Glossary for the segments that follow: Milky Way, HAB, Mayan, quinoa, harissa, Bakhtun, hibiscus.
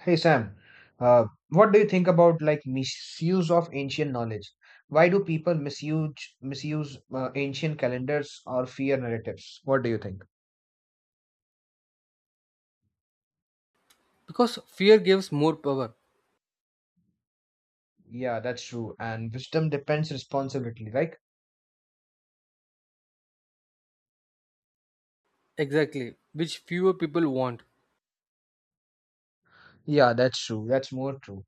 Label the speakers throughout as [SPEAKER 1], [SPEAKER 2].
[SPEAKER 1] Hey Sam, what do you think about like misuse of ancient knowledge? Why do people misuse ancient calendars or fear narratives? What do you think?
[SPEAKER 2] Because fear gives more power,
[SPEAKER 1] Yeah, that's true. And wisdom depends responsibility, right?
[SPEAKER 2] exactly, which fewer people want.
[SPEAKER 1] Yeah, that's true. That's more true.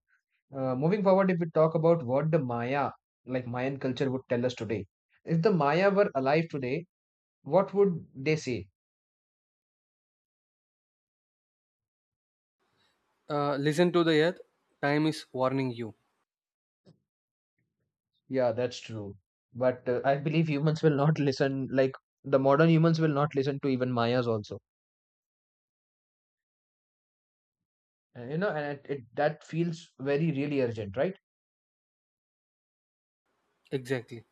[SPEAKER 1] Moving forward, if we talk about what the Maya, like Mayan culture, would tell us today, if the Maya were alive today, what would they say?
[SPEAKER 2] Listen to the earth, time is warning you.
[SPEAKER 1] Yeah, that's true. But I believe humans will not listen, like the modern humans will not listen to even Mayas also. And, and it, that feels very, really urgent, right?
[SPEAKER 2] Exactly.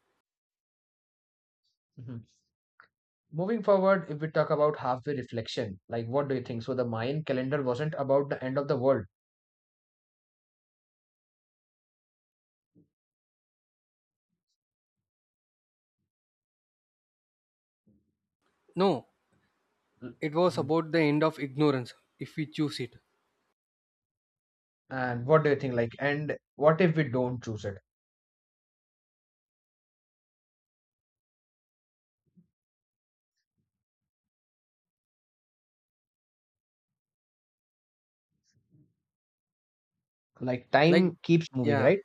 [SPEAKER 1] Mhm. Moving forward, if we talk about halfway reflection, like what do you think? So the Mayan calendar wasn't about the end of the world.
[SPEAKER 2] No,
[SPEAKER 1] L-
[SPEAKER 2] it was
[SPEAKER 1] Mhm.
[SPEAKER 2] about the end of ignorance if we choose it.
[SPEAKER 1] And what do you think? Like, and what if we don't choose it? Like
[SPEAKER 2] Like,
[SPEAKER 1] time keeps moving,
[SPEAKER 2] yeah,
[SPEAKER 1] right?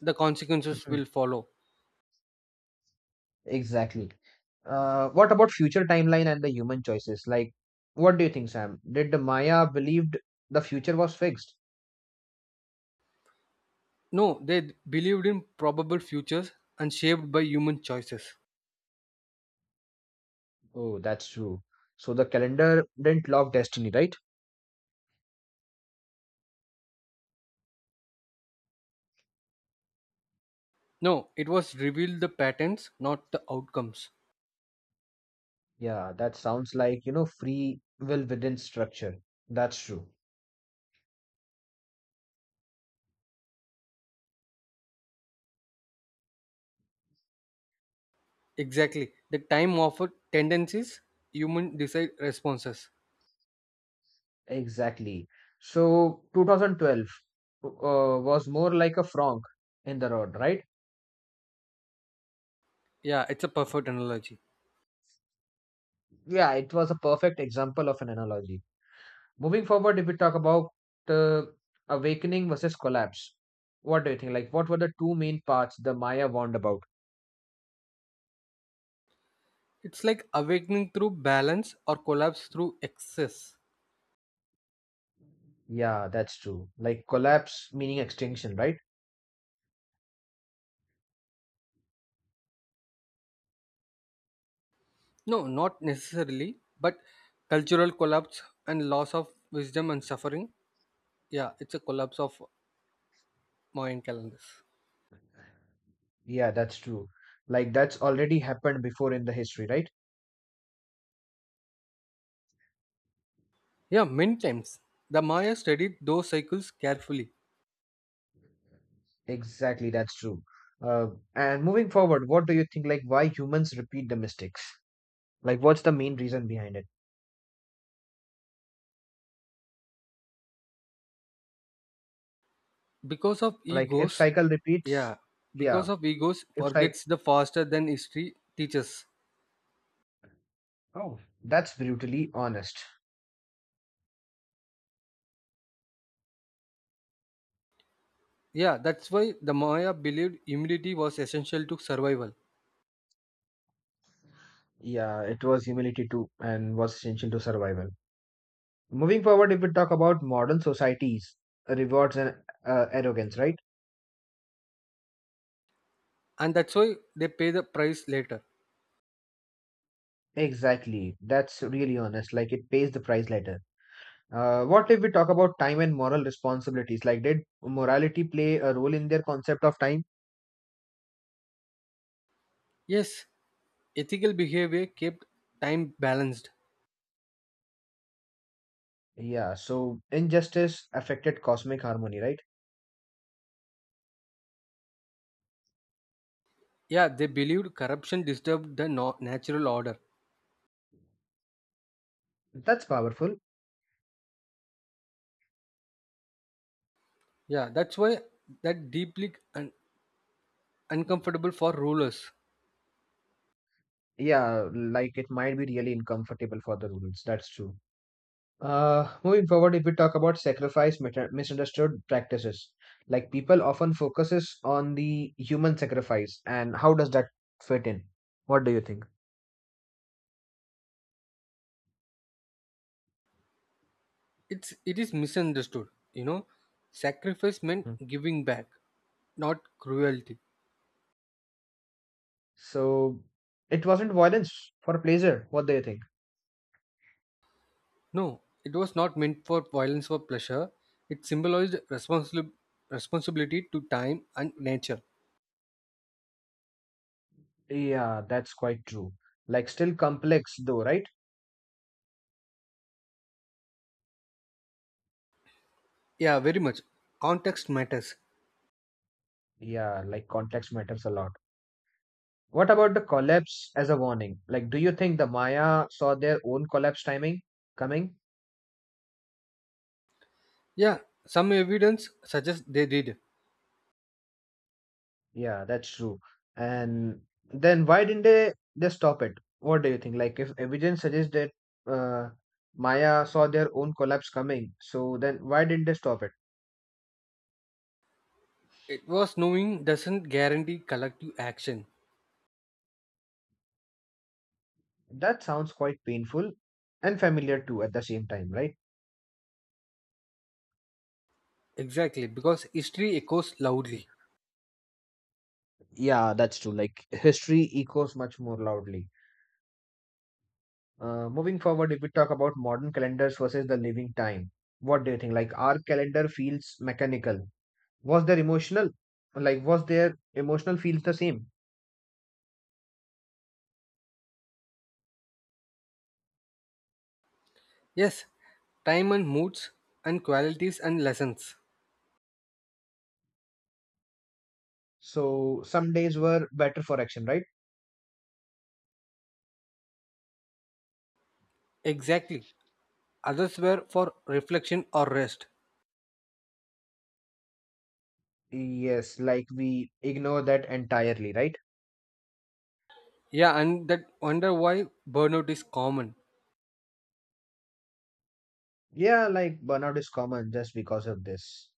[SPEAKER 2] the consequences will follow.
[SPEAKER 1] Exactly. What about future timeline and the human choices? Like, what do you think, Sam? Did the Maya believed the future was fixed?
[SPEAKER 2] No, they believed in probable futures and shaped by human choices.
[SPEAKER 1] Oh, that's true. So the calendar didn't lock destiny, right?
[SPEAKER 2] No, it was revealed the patterns, not the outcomes.
[SPEAKER 1] Yeah, that sounds like, free will within structure. That's true.
[SPEAKER 2] Exactly. The time offered tendencies, human decide responses.
[SPEAKER 1] Exactly. So 2012 was more like a frog in the road, right?
[SPEAKER 2] Yeah, it's a perfect analogy.
[SPEAKER 1] Yeah, it was a perfect example of an analogy. Moving forward, if we talk about uh, awakening versus collapse, what do you think? Like, what were the two main parts the Maya warned about?
[SPEAKER 2] It's like awakening through balance or collapse through excess.
[SPEAKER 1] Yeah, that's true. Like, collapse meaning extinction, right?
[SPEAKER 2] No, not necessarily, but cultural collapse and loss of wisdom and suffering. Yeah, it's a collapse of Mayan calendars.
[SPEAKER 1] Yeah, that's true. Like, that's already happened before in the history, right?
[SPEAKER 2] Yeah, many times the Maya studied those cycles carefully
[SPEAKER 1] Exactly, that's true. Uh, and moving forward, what do you think? Like, why humans repeat the mistakes? Like, what's the main reason behind it?
[SPEAKER 2] because of
[SPEAKER 1] Like, if
[SPEAKER 2] egos.
[SPEAKER 1] cycle repeats,
[SPEAKER 2] Yeah,
[SPEAKER 1] yeah,
[SPEAKER 2] because of egos
[SPEAKER 1] if cycle,
[SPEAKER 2] forgets the faster than history teaches.
[SPEAKER 1] oh, that's brutally honest.
[SPEAKER 2] Yeah, that's why the Maya believed immunity was essential to survival,
[SPEAKER 1] Yeah, it was humility too, and was essential to survival. Moving forward, if we talk about modern societies, rewards and arrogance, right?
[SPEAKER 2] and that's why they pay the price later.
[SPEAKER 1] Exactly. That's really honest. Like it pays the price later. What if we talk about time and moral responsibilities? Like, did morality play a role in their concept of time?
[SPEAKER 2] Yes, ethical behavior kept time balanced.
[SPEAKER 1] Yeah, so injustice affected cosmic harmony, right?
[SPEAKER 2] Yeah, they believed corruption disturbed the natural order.
[SPEAKER 1] That's powerful.
[SPEAKER 2] Yeah, that's why that deeply uncomfortable for rulers.
[SPEAKER 1] Yeah, like it might be really uncomfortable for the rulers. That's true. Moving forward, if we talk about misunderstood practices, like people often focuses on the human sacrifice and how does that fit in? What do you think?
[SPEAKER 2] It is misunderstood. You know, sacrifice meant
[SPEAKER 1] Mhm.
[SPEAKER 2] giving back, not cruelty.
[SPEAKER 1] So it wasn't violence for pleasure. What do you think?
[SPEAKER 2] No, it was not meant for violence or pleasure. It symbolized responsibility to time and nature.
[SPEAKER 1] Yeah, that's quite true. Like still complex though, right?
[SPEAKER 2] Yeah, very much. Context matters.
[SPEAKER 1] Yeah, like context matters a lot. What about the collapse as a warning? Like, do you think the Maya saw their own collapse timing coming?
[SPEAKER 2] Yeah, some evidence suggests they did.
[SPEAKER 1] Yeah, that's true. And then why didn't they stop it? What do you think? Like, if evidence suggests that uh, Maya saw their own collapse coming, so then why didn't they stop it?
[SPEAKER 2] It was knowing doesn't guarantee collective action.
[SPEAKER 1] That sounds quite painful and familiar too at the same time, right?
[SPEAKER 2] Exactly, because history echoes loudly.
[SPEAKER 1] Yeah, that's true. Like, history echoes much more loudly. Moving forward, if we talk about modern calendars versus the living time, what do you think? Like, our calendar feels mechanical. Was there emotional? Like, was their emotional feels the same?
[SPEAKER 2] Yes, time and moods and qualities and lessons.
[SPEAKER 1] So some days were better for action, right?
[SPEAKER 2] Exactly. Others were for reflection or rest.
[SPEAKER 1] Yes, like we ignore that entirely, right?
[SPEAKER 2] Yeah, and that wonder why burnout is common.
[SPEAKER 1] Yeah, like burnout is common just because of this.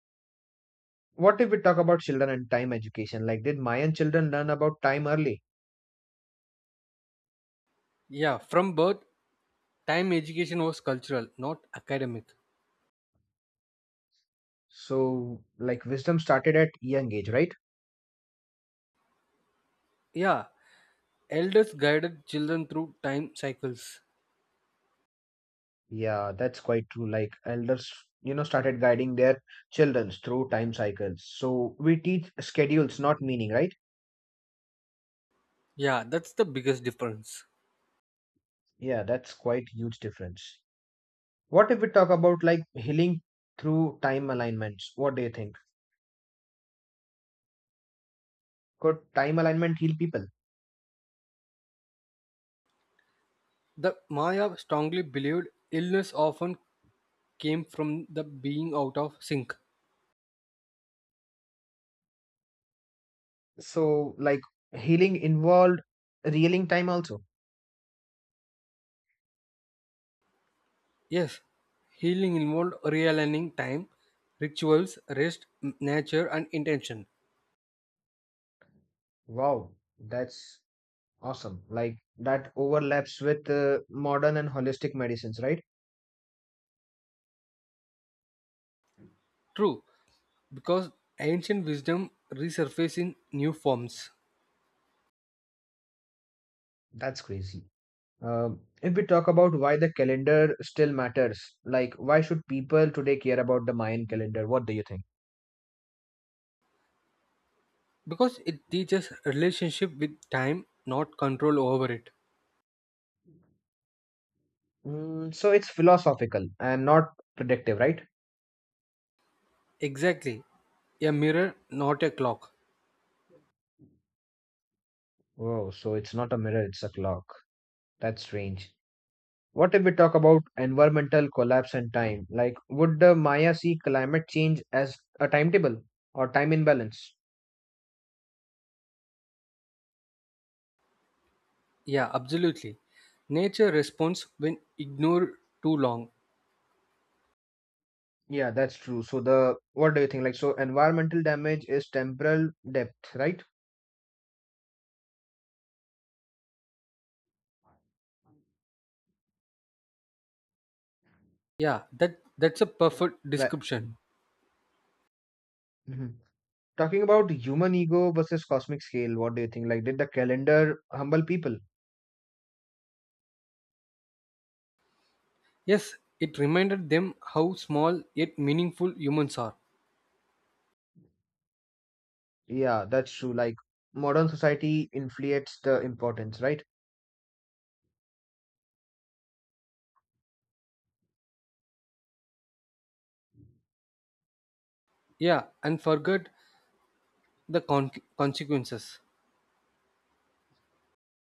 [SPEAKER 1] What if we talk about children and time education? Like, did Mayan children learn about time early?
[SPEAKER 2] Yeah, from birth, time education was cultural, not academic.
[SPEAKER 1] So, like, wisdom started at young age, right?
[SPEAKER 2] Yeah, elders guided children through time cycles.
[SPEAKER 1] Yeah, that's quite true. Like, elders, started guiding their children through time cycles. So, we teach schedules, not meaning, right?
[SPEAKER 2] Yeah, that's the biggest difference.
[SPEAKER 1] Yeah, that's quite huge difference. What if we talk about like healing through time alignments? What do you think? Could time alignment heal people?
[SPEAKER 2] The Maya strongly believed illness often came from the being out of sync.
[SPEAKER 1] So, like healing involved reeling time also.
[SPEAKER 2] Yes, healing involved realigning time, rituals, rest, nature, and intention.
[SPEAKER 1] Wow, that's awesome. Like that overlaps with modern and holistic medicines, right?
[SPEAKER 2] True, because ancient wisdom resurfaces in new forms.
[SPEAKER 1] That's crazy. If we talk about why the calendar still matters, like why should people today care about the Mayan calendar? What do you think?
[SPEAKER 2] Because it teaches relationship with time, not control over it.
[SPEAKER 1] Mm, so it's philosophical and not predictive, right?
[SPEAKER 2] Exactly. A mirror, not a clock.
[SPEAKER 1] Oh, so it's not a mirror, it's a clock. That's strange. What if we talk about environmental collapse and time? Like, would the Maya see climate change as a timetable or time imbalance?
[SPEAKER 2] Yeah, absolutely. Nature responds when ignored too long.
[SPEAKER 1] Yeah, that's true. So the what do you think? Like, so environmental damage is temporal depth, right?
[SPEAKER 2] Yeah, that's a perfect
[SPEAKER 1] Like,
[SPEAKER 2] description.
[SPEAKER 1] Mhm. Talking about human ego versus cosmic scale, what do you think? Like, did the calendar humble people?
[SPEAKER 2] Yes, it reminded them how small yet meaningful humans are.
[SPEAKER 1] Yeah, that's true. Like, modern society inflates the importance, right?
[SPEAKER 2] Yeah, and forgot the consequences.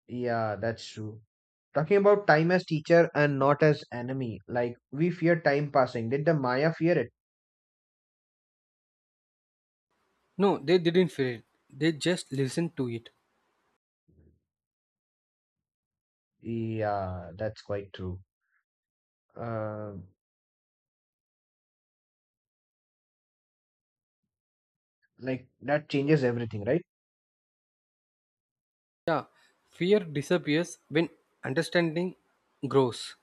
[SPEAKER 1] Yeah, that's true. Talking about time as teacher and not as enemy, like we fear time passing. Did the Maya fear it?
[SPEAKER 2] No, they didn't fear it. They just listened to it.
[SPEAKER 1] Yeah, that's quite true. Uh, like that changes everything, right?
[SPEAKER 2] Yeah, fear disappears when understanding grows.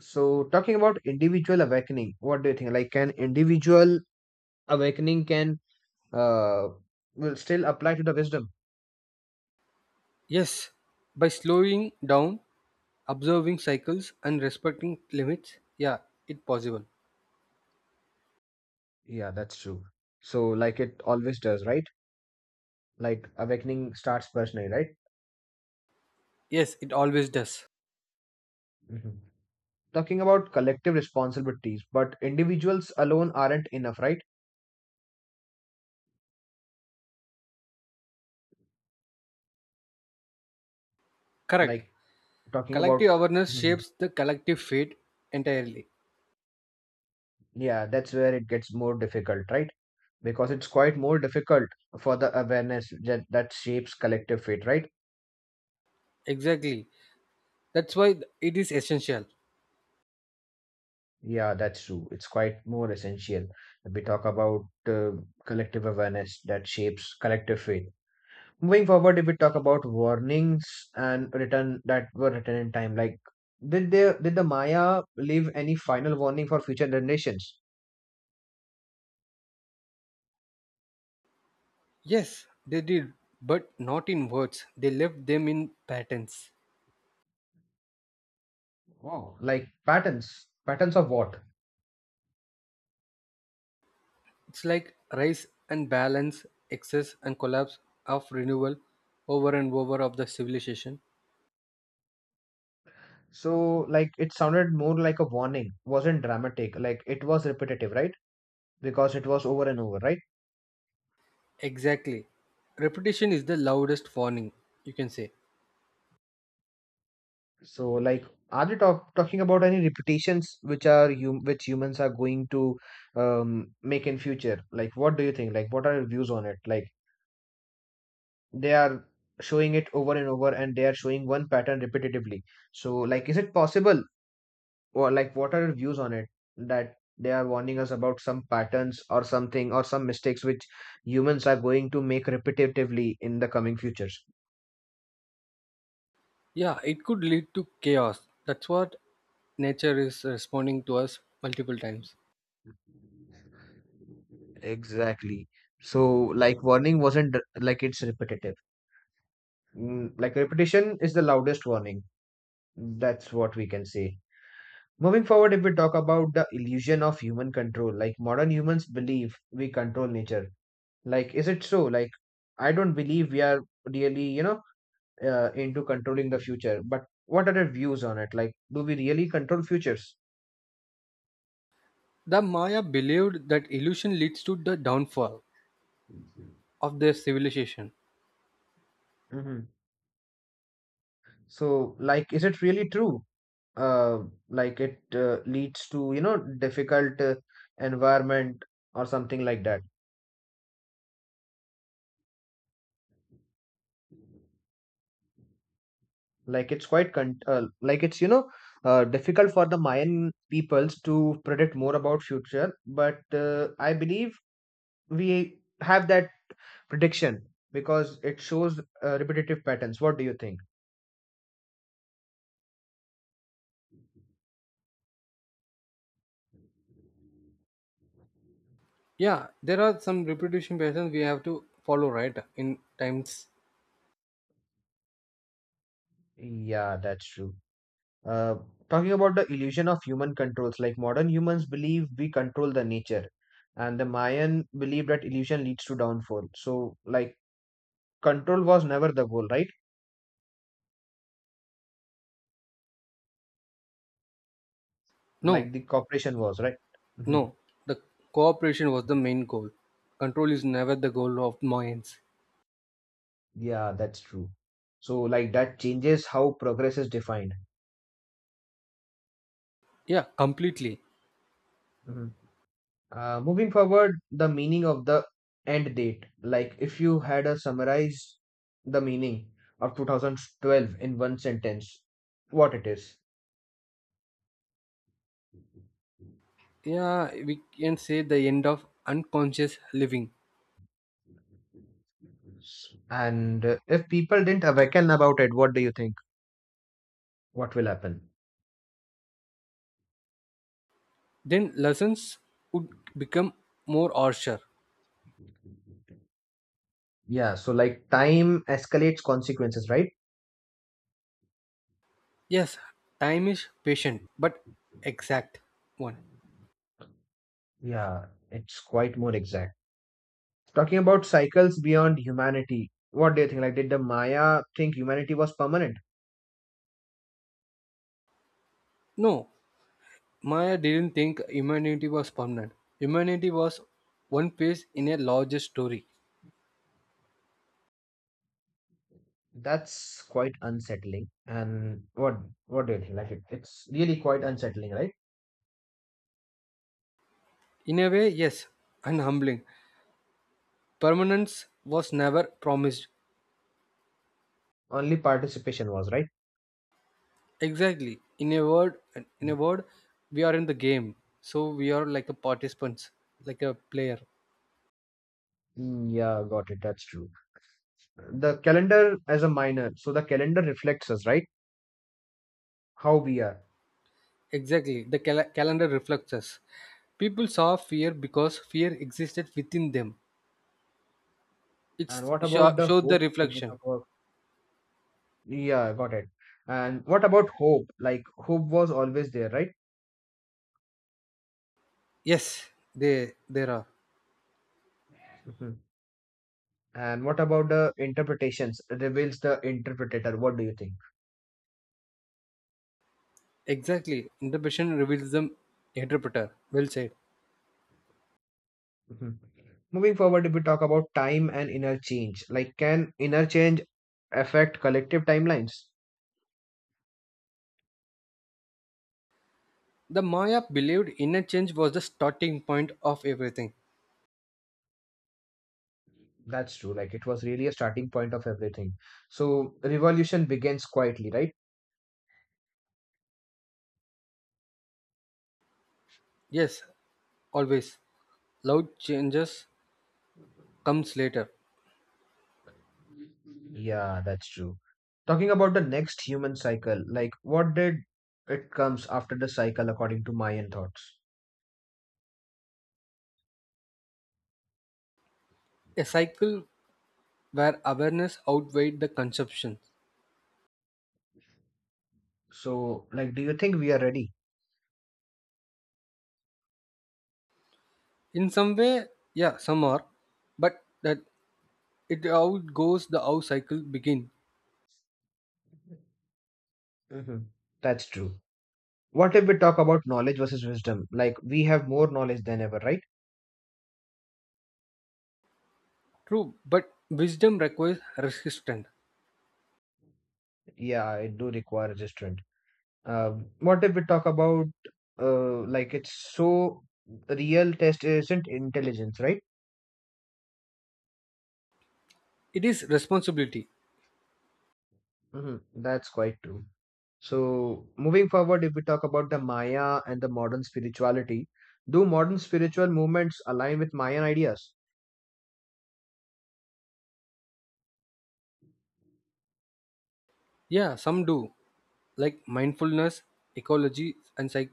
[SPEAKER 1] So talking about individual awakening, what do you think? Like, can individual awakening can uh will still apply to the wisdom?
[SPEAKER 2] Yes, by slowing down, observing cycles, and respecting limits. Yeah, it's possible.
[SPEAKER 1] Yeah, that's true. So like it always does, right? Like awakening starts personally, right?
[SPEAKER 2] Yes, it always does.
[SPEAKER 1] Mhm. Talking about collective responsibilities, but individuals alone aren't enough, right?
[SPEAKER 2] Correct.
[SPEAKER 1] Like talking
[SPEAKER 2] Collective
[SPEAKER 1] about,
[SPEAKER 2] awareness
[SPEAKER 1] Mhm.
[SPEAKER 2] shapes the collective fate entirely.
[SPEAKER 1] yeah, that's where it gets more difficult, right? Because it's quite more difficult for the awareness that shapes collective fate, right?
[SPEAKER 2] Exactly. That's why it is essential.
[SPEAKER 1] Yeah, that's true. It's quite more essential. We talk about uh, collective awareness that shapes collective fate. Moving forward, if we talk about warnings and written that were written in time, like did the Maya leave any final warning for future generations?
[SPEAKER 2] Yes, they did, but not in words. They left them in patterns.
[SPEAKER 1] Wow. Like patterns, patterns of what?
[SPEAKER 2] It's like rise and balance, excess and collapse of renewal over and over of the civilization.
[SPEAKER 1] So like it sounded more like a warning, wasn't dramatic. Like it was repetitive, right? Because it was over and over, right?
[SPEAKER 2] Exactly. Repetition is the loudest warning, you can say.
[SPEAKER 1] So like are they talking about any repetitions which are you which humans are going to make in future? Like what do you think? Like what are your views on it? Like they are showing it over and over and they are showing one pattern repetitively, so like is it possible, or like what are your views on it, that they are warning us about some patterns or something or some mistakes which humans are going to make repetitively in the coming futures?
[SPEAKER 2] Yeah, it could lead to chaos. That's what nature is responding to us multiple times.
[SPEAKER 1] Exactly. So, like, warning wasn't r- like it's repetitive. Mm, like, repetition is the loudest warning. That's what we can say. Moving forward, if we talk about the illusion of human control, like modern humans believe we control nature. Like, is it so? Like, I don't believe we are really, into controlling the future. But what are your views on it? Like, do we really control futures?
[SPEAKER 2] The Maya believed that illusion leads to the downfall of their civilization.
[SPEAKER 1] Hmm. So, like, is it really true? Like, it leads to, difficult environment or something like that. Like it's like it's difficult for the mayan peoples to predict more about future, but I believe we have that prediction because it shows repetitive patterns. What do you think?
[SPEAKER 2] Yeah, there are some repetition patterns we have to follow, right? In times,
[SPEAKER 1] Yeah, that's true. uh, Talking about the illusion of human controls, like modern humans believe we control the nature, and the mayan believe that illusion leads to downfall, so like control was never the goal, right?
[SPEAKER 2] no,
[SPEAKER 1] Like the cooperation was, right? Hmm.
[SPEAKER 2] no. The cooperation was the main goal. Control is never the goal of minds.
[SPEAKER 1] Yeah, that's true. So, like, that changes how progress is defined.
[SPEAKER 2] Yeah, completely.
[SPEAKER 1] Mhm. Moving forward, the meaning of the end date. Like, if you had a summarize the meaning of 2012 in one sentence, what it is.
[SPEAKER 2] Yeah, we can say the end of unconscious living.
[SPEAKER 1] And if people didn't awaken about it, what do you think? What will happen?
[SPEAKER 2] Then lessons would become more harsher.
[SPEAKER 1] Yeah, so like time escalates consequences, right?
[SPEAKER 2] Yes, time is patient, but exact one.
[SPEAKER 1] Yeah, it's quite more exact. Talking about cycles beyond humanity, what do you think? Like, did the Maya think humanity was permanent?
[SPEAKER 2] No, Maya didn't think humanity was permanent. Humanity was one piece in a larger story.
[SPEAKER 1] That's quite unsettling. And what do you think? Like, it, it's really quite unsettling, right?
[SPEAKER 2] In a way, yes, and humbling. Permanence was never promised.
[SPEAKER 1] Only participation was right.
[SPEAKER 2] Exactly. In a word, we are in the game, so we are like a participants, like a player.
[SPEAKER 1] Mm, yeah, got it. That's true. The calendar as a minor, so the calendar reflects us, right? How we are.
[SPEAKER 2] Exactly. The calendar reflects us. People saw fear because fear existed within them.
[SPEAKER 1] And
[SPEAKER 2] It's
[SPEAKER 1] what about the
[SPEAKER 2] showed the
[SPEAKER 1] hope? A bit
[SPEAKER 2] reflection.
[SPEAKER 1] of a- yeah, got it. And what about hope? Like, hope was always there, right?
[SPEAKER 2] Yes, they there are
[SPEAKER 1] Mhm. And what about the interpretations? Reveals the interpreter. What do you think?
[SPEAKER 2] exactly. Interpretation reveals the interpreter. Well said.
[SPEAKER 1] Mhm. Moving forward, if we talk about time and inner change, like can inner change affect collective timelines?
[SPEAKER 2] The Maya believed inner change was the starting point of everything.
[SPEAKER 1] That's true. Like it was really a starting point of everything. So revolution begins quietly, right?
[SPEAKER 2] Yes, always. Loud changes comes later.
[SPEAKER 1] Yeah, that's true. Talking about the next human cycle, like what did it comes after the cycle according to Mayan thoughts?
[SPEAKER 2] A cycle where awareness outweighed the consumption.
[SPEAKER 1] So, like, do you think we are ready?
[SPEAKER 2] In some way, yeah, some are, but that it outgoes the how cycle begin.
[SPEAKER 1] Hmm. That's true. What if we talk about knowledge versus wisdom? Like we have more knowledge than ever, right?
[SPEAKER 2] True, but wisdom requires resistance.
[SPEAKER 1] Yeah, it do require restraint. Uh, what if we talk about like it's so real test isn't intelligence, right?
[SPEAKER 2] It is responsibility.
[SPEAKER 1] Hmm. That's quite true. So moving forward, if we talk about the Maya and the modern spirituality, do modern spiritual movements align with Mayan ideas?
[SPEAKER 2] Yeah, some do, like mindfulness, ecology, and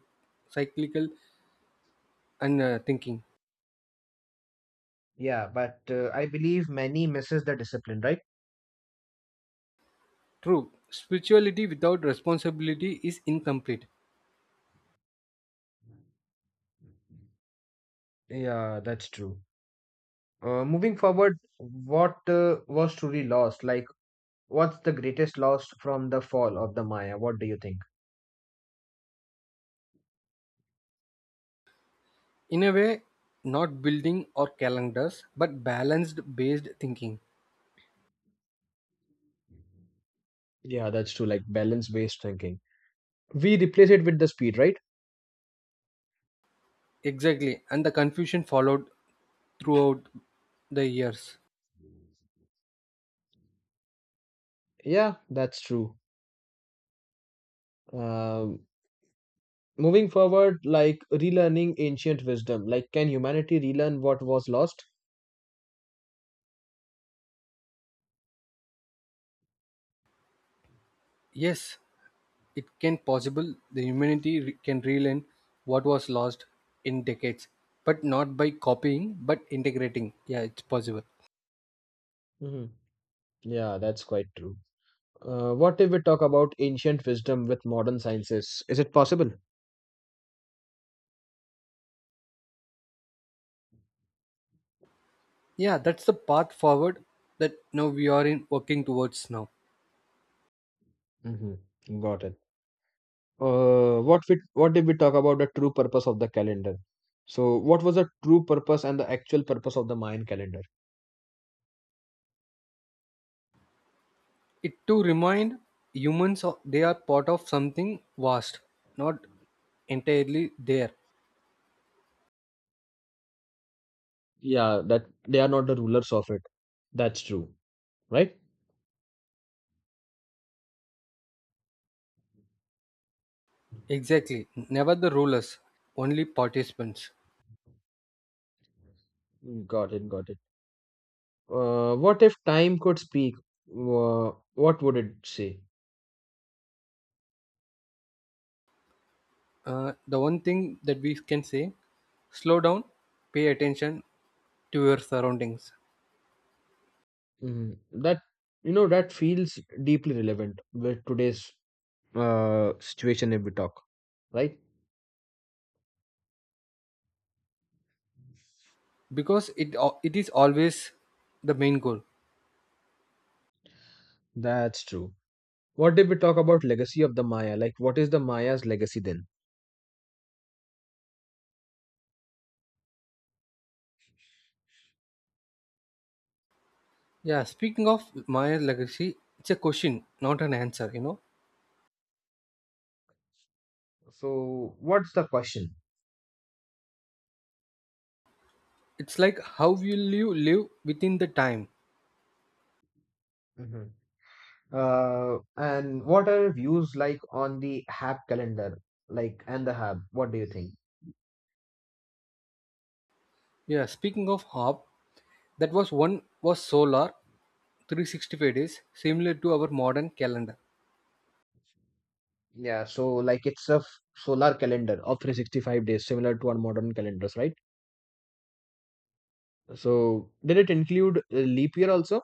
[SPEAKER 2] cyclical and thinking.
[SPEAKER 1] Yeah, but I believe many misses the discipline, right?
[SPEAKER 2] True, spirituality without responsibility is incomplete.
[SPEAKER 1] Yeah, that's true. Moving forward, what was truly lost? Like, what's the greatest loss from the fall of the Maya? What do you think?
[SPEAKER 2] In a way, not building or calendars but balanced based thinking.
[SPEAKER 1] Yeah, that's true. Like balance based thinking. We replace it with the speed, right?
[SPEAKER 2] Exactly, and the confusion followed throughout the years.
[SPEAKER 1] Yeah, that's true. Um, Moving forward, like relearning ancient wisdom. Like, can humanity relearn what was lost?
[SPEAKER 2] Yes, it can possible the humanity can relearn what was lost in decades, but not by copying but integrating. Yeah, it's possible.
[SPEAKER 1] Hmm. Yeah, that's quite true. What if we talk about ancient wisdom with modern sciences? Is it possible?
[SPEAKER 2] Yeah, that's the path forward that now we are in working towards now.
[SPEAKER 1] Hmm. Got it. What did we talk about the true purpose of the calendar? So what was the true purpose and the actual purpose of the Mayan calendar?
[SPEAKER 2] It to remind humans they are part of something vast, not entirely there.
[SPEAKER 1] Yeah, that they are not the rulers of it. That's true, right?
[SPEAKER 2] Exactly. Never the rulers, only participants.
[SPEAKER 1] Mm, got it. What if time could speak? uh, what would it say?
[SPEAKER 2] The one thing that we can say, slow down, pay attention to your surroundings,
[SPEAKER 1] Mm, that that feels deeply relevant with today's situation if we talk, right?
[SPEAKER 2] because it it is always the main goal.
[SPEAKER 1] That's true. What did we talk about legacy of the Maya? Like, what is the Maya's legacy then?
[SPEAKER 2] Yeah, speaking of Maya's legacy, it's a question, not an answer, you know.
[SPEAKER 1] So, what's the question?
[SPEAKER 2] It's like how will you live within the time?
[SPEAKER 1] Mhm. And what are your views like on the HAB calendar, like and the HAB? What do you think?
[SPEAKER 2] Yeah, speaking of hub, that was one was solar 365 days, similar to our modern calendar.
[SPEAKER 1] Yeah. So, solar calendar of 365 days, similar to our modern calendars, right? So, did it include a leap year also?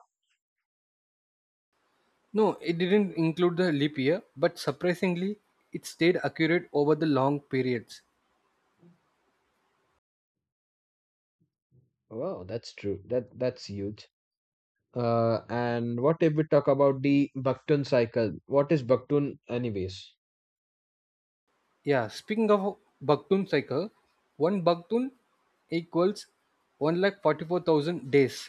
[SPEAKER 2] No, it didn't include the leap year, but surprisingly, it stayed accurate over the long periods.
[SPEAKER 1] Wow, that's true. That's huge. And what if we talk about the Bakhtun cycle? What is Bakhtun, anyways?
[SPEAKER 2] Yeah, speaking of Bakhtun cycle, one Bakhtun equals 144,000 days.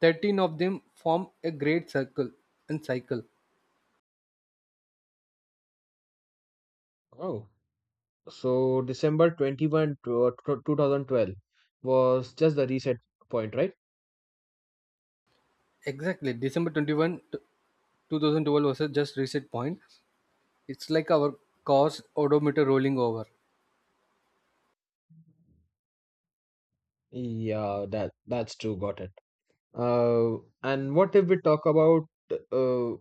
[SPEAKER 2] 13 of them form a great circle and cycle.
[SPEAKER 1] Oh. So December 21, 2012 was just the reset point, right?
[SPEAKER 2] Exactly, December 21, 2012 was a just reset point. It's like our car's odometer rolling over.
[SPEAKER 1] Yeah, that's true. Got it. Uh, and what if we talk about uh,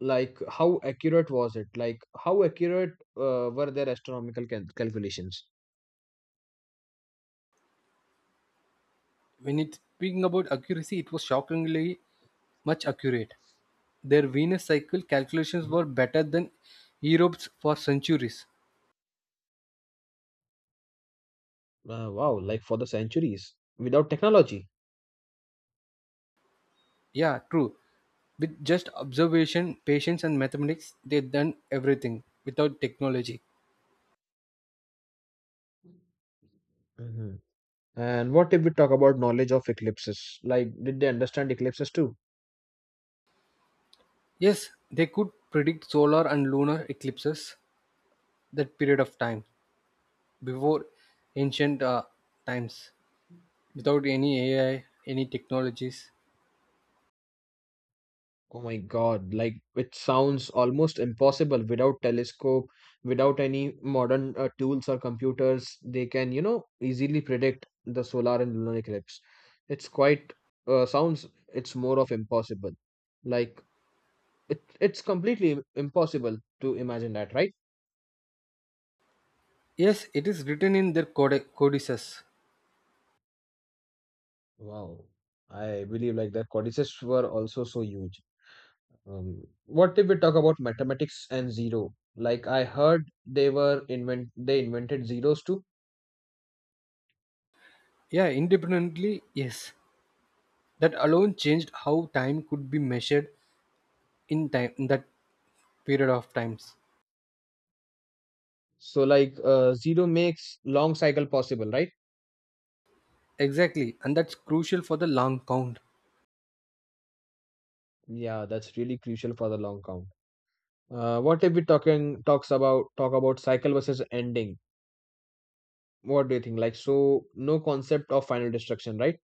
[SPEAKER 1] like how accurate was it? Like how accurate were their astronomical cal calculations?
[SPEAKER 2] When it's speaking about accuracy, it was shockingly much accurate. Their Venus cycle calculations
[SPEAKER 1] Mhm.
[SPEAKER 2] were better than Europe's for centuries.
[SPEAKER 1] Wow, like for the centuries without technology.
[SPEAKER 2] Yeah, true. With just observation, patience, and mathematics, they done everything without technology.
[SPEAKER 1] Hmm. And what if we talk about knowledge of eclipses? Like, did they understand eclipses too?
[SPEAKER 2] Yes, they could predict solar and lunar eclipses that period of time before ancient times without any AI, any technologies.
[SPEAKER 1] Oh my God, like it sounds almost impossible without telescope, without any modern tools or computers. They can, you know, easily predict the solar and lunar eclipse. It's quite sounds it's more of impossible. Like it, it's completely im- impossible to imagine that, right?
[SPEAKER 2] Yes, it is written in their codices.
[SPEAKER 1] Wow. I believe like the codices were also so huge. What if we talk about mathematics and zero? Like I heard they invented zeros too.
[SPEAKER 2] Yeah, independently, yes. That alone changed how time could be measured in time in that period of times.
[SPEAKER 1] So like zero makes long cycle possible, right?
[SPEAKER 2] Exactly, and that's crucial for the long count.
[SPEAKER 1] Yeah, that's really crucial for the long count. What if we talking talks about talk about cycle versus ending? What do you think? Like so, no concept of final destruction, right?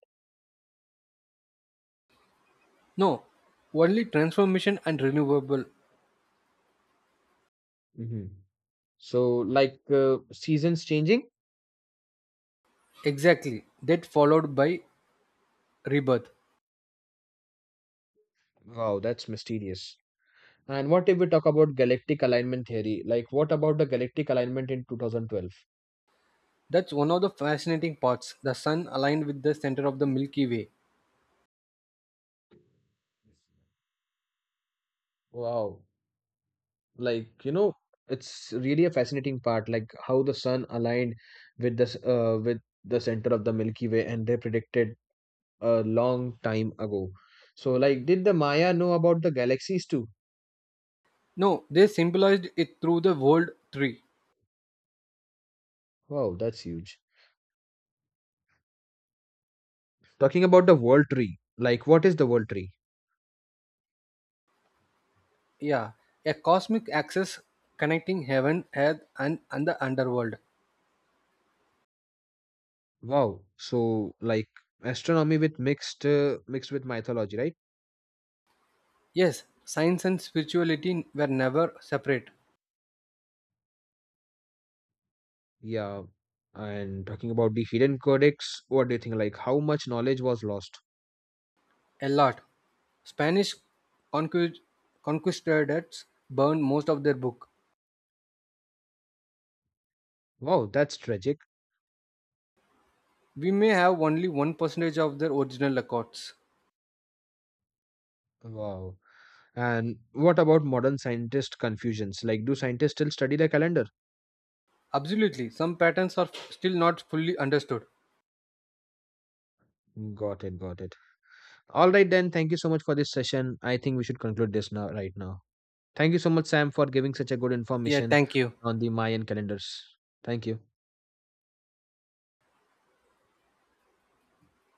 [SPEAKER 2] No, only transformation and renewable.
[SPEAKER 1] Hmm. So like seasons changing.
[SPEAKER 2] Exactly, that followed by rebirth.
[SPEAKER 1] Wow, that's mysterious. And what if we talk about galactic alignment theory? Like what about the galactic alignment in 2012?
[SPEAKER 2] That's one of the fascinating parts. The sun aligned with the center of the Milky Way.
[SPEAKER 1] Wow, like you know it's really a fascinating part like how the sun aligned with this with the center of the Milky Way, and they predicted a long time ago. So like, did the Maya know about the galaxies too?
[SPEAKER 2] No, they symbolized it through the world tree.
[SPEAKER 1] Wow, that's huge. Talking about the world tree, like what is the world tree?
[SPEAKER 2] Yeah, a cosmic axis connecting heaven, earth, and the underworld.
[SPEAKER 1] Wow, so like astronomy with mixed with mythology, right?
[SPEAKER 2] Yes, science and spirituality were never separate.
[SPEAKER 1] Yeah. And talking about the hidden codex, what do you think, like how much knowledge was lost?
[SPEAKER 2] A lot. Spanish conquist- conquistadors burned most of their book.
[SPEAKER 1] Wow, that's tragic.
[SPEAKER 2] We may have only 1% of their original records.
[SPEAKER 1] Wow. And what about modern scientist confusions? Like, do scientists still study the calendar?
[SPEAKER 2] Absolutely, some patterns are still not fully understood.
[SPEAKER 1] Got it, got it. All right, then. Thank you so much for this session. I think we should conclude this now, right now. Thank you so much, Sam, for giving such a good
[SPEAKER 2] Yeah,
[SPEAKER 1] information
[SPEAKER 2] thank you.
[SPEAKER 1] on the Mayan calendars. Thank you.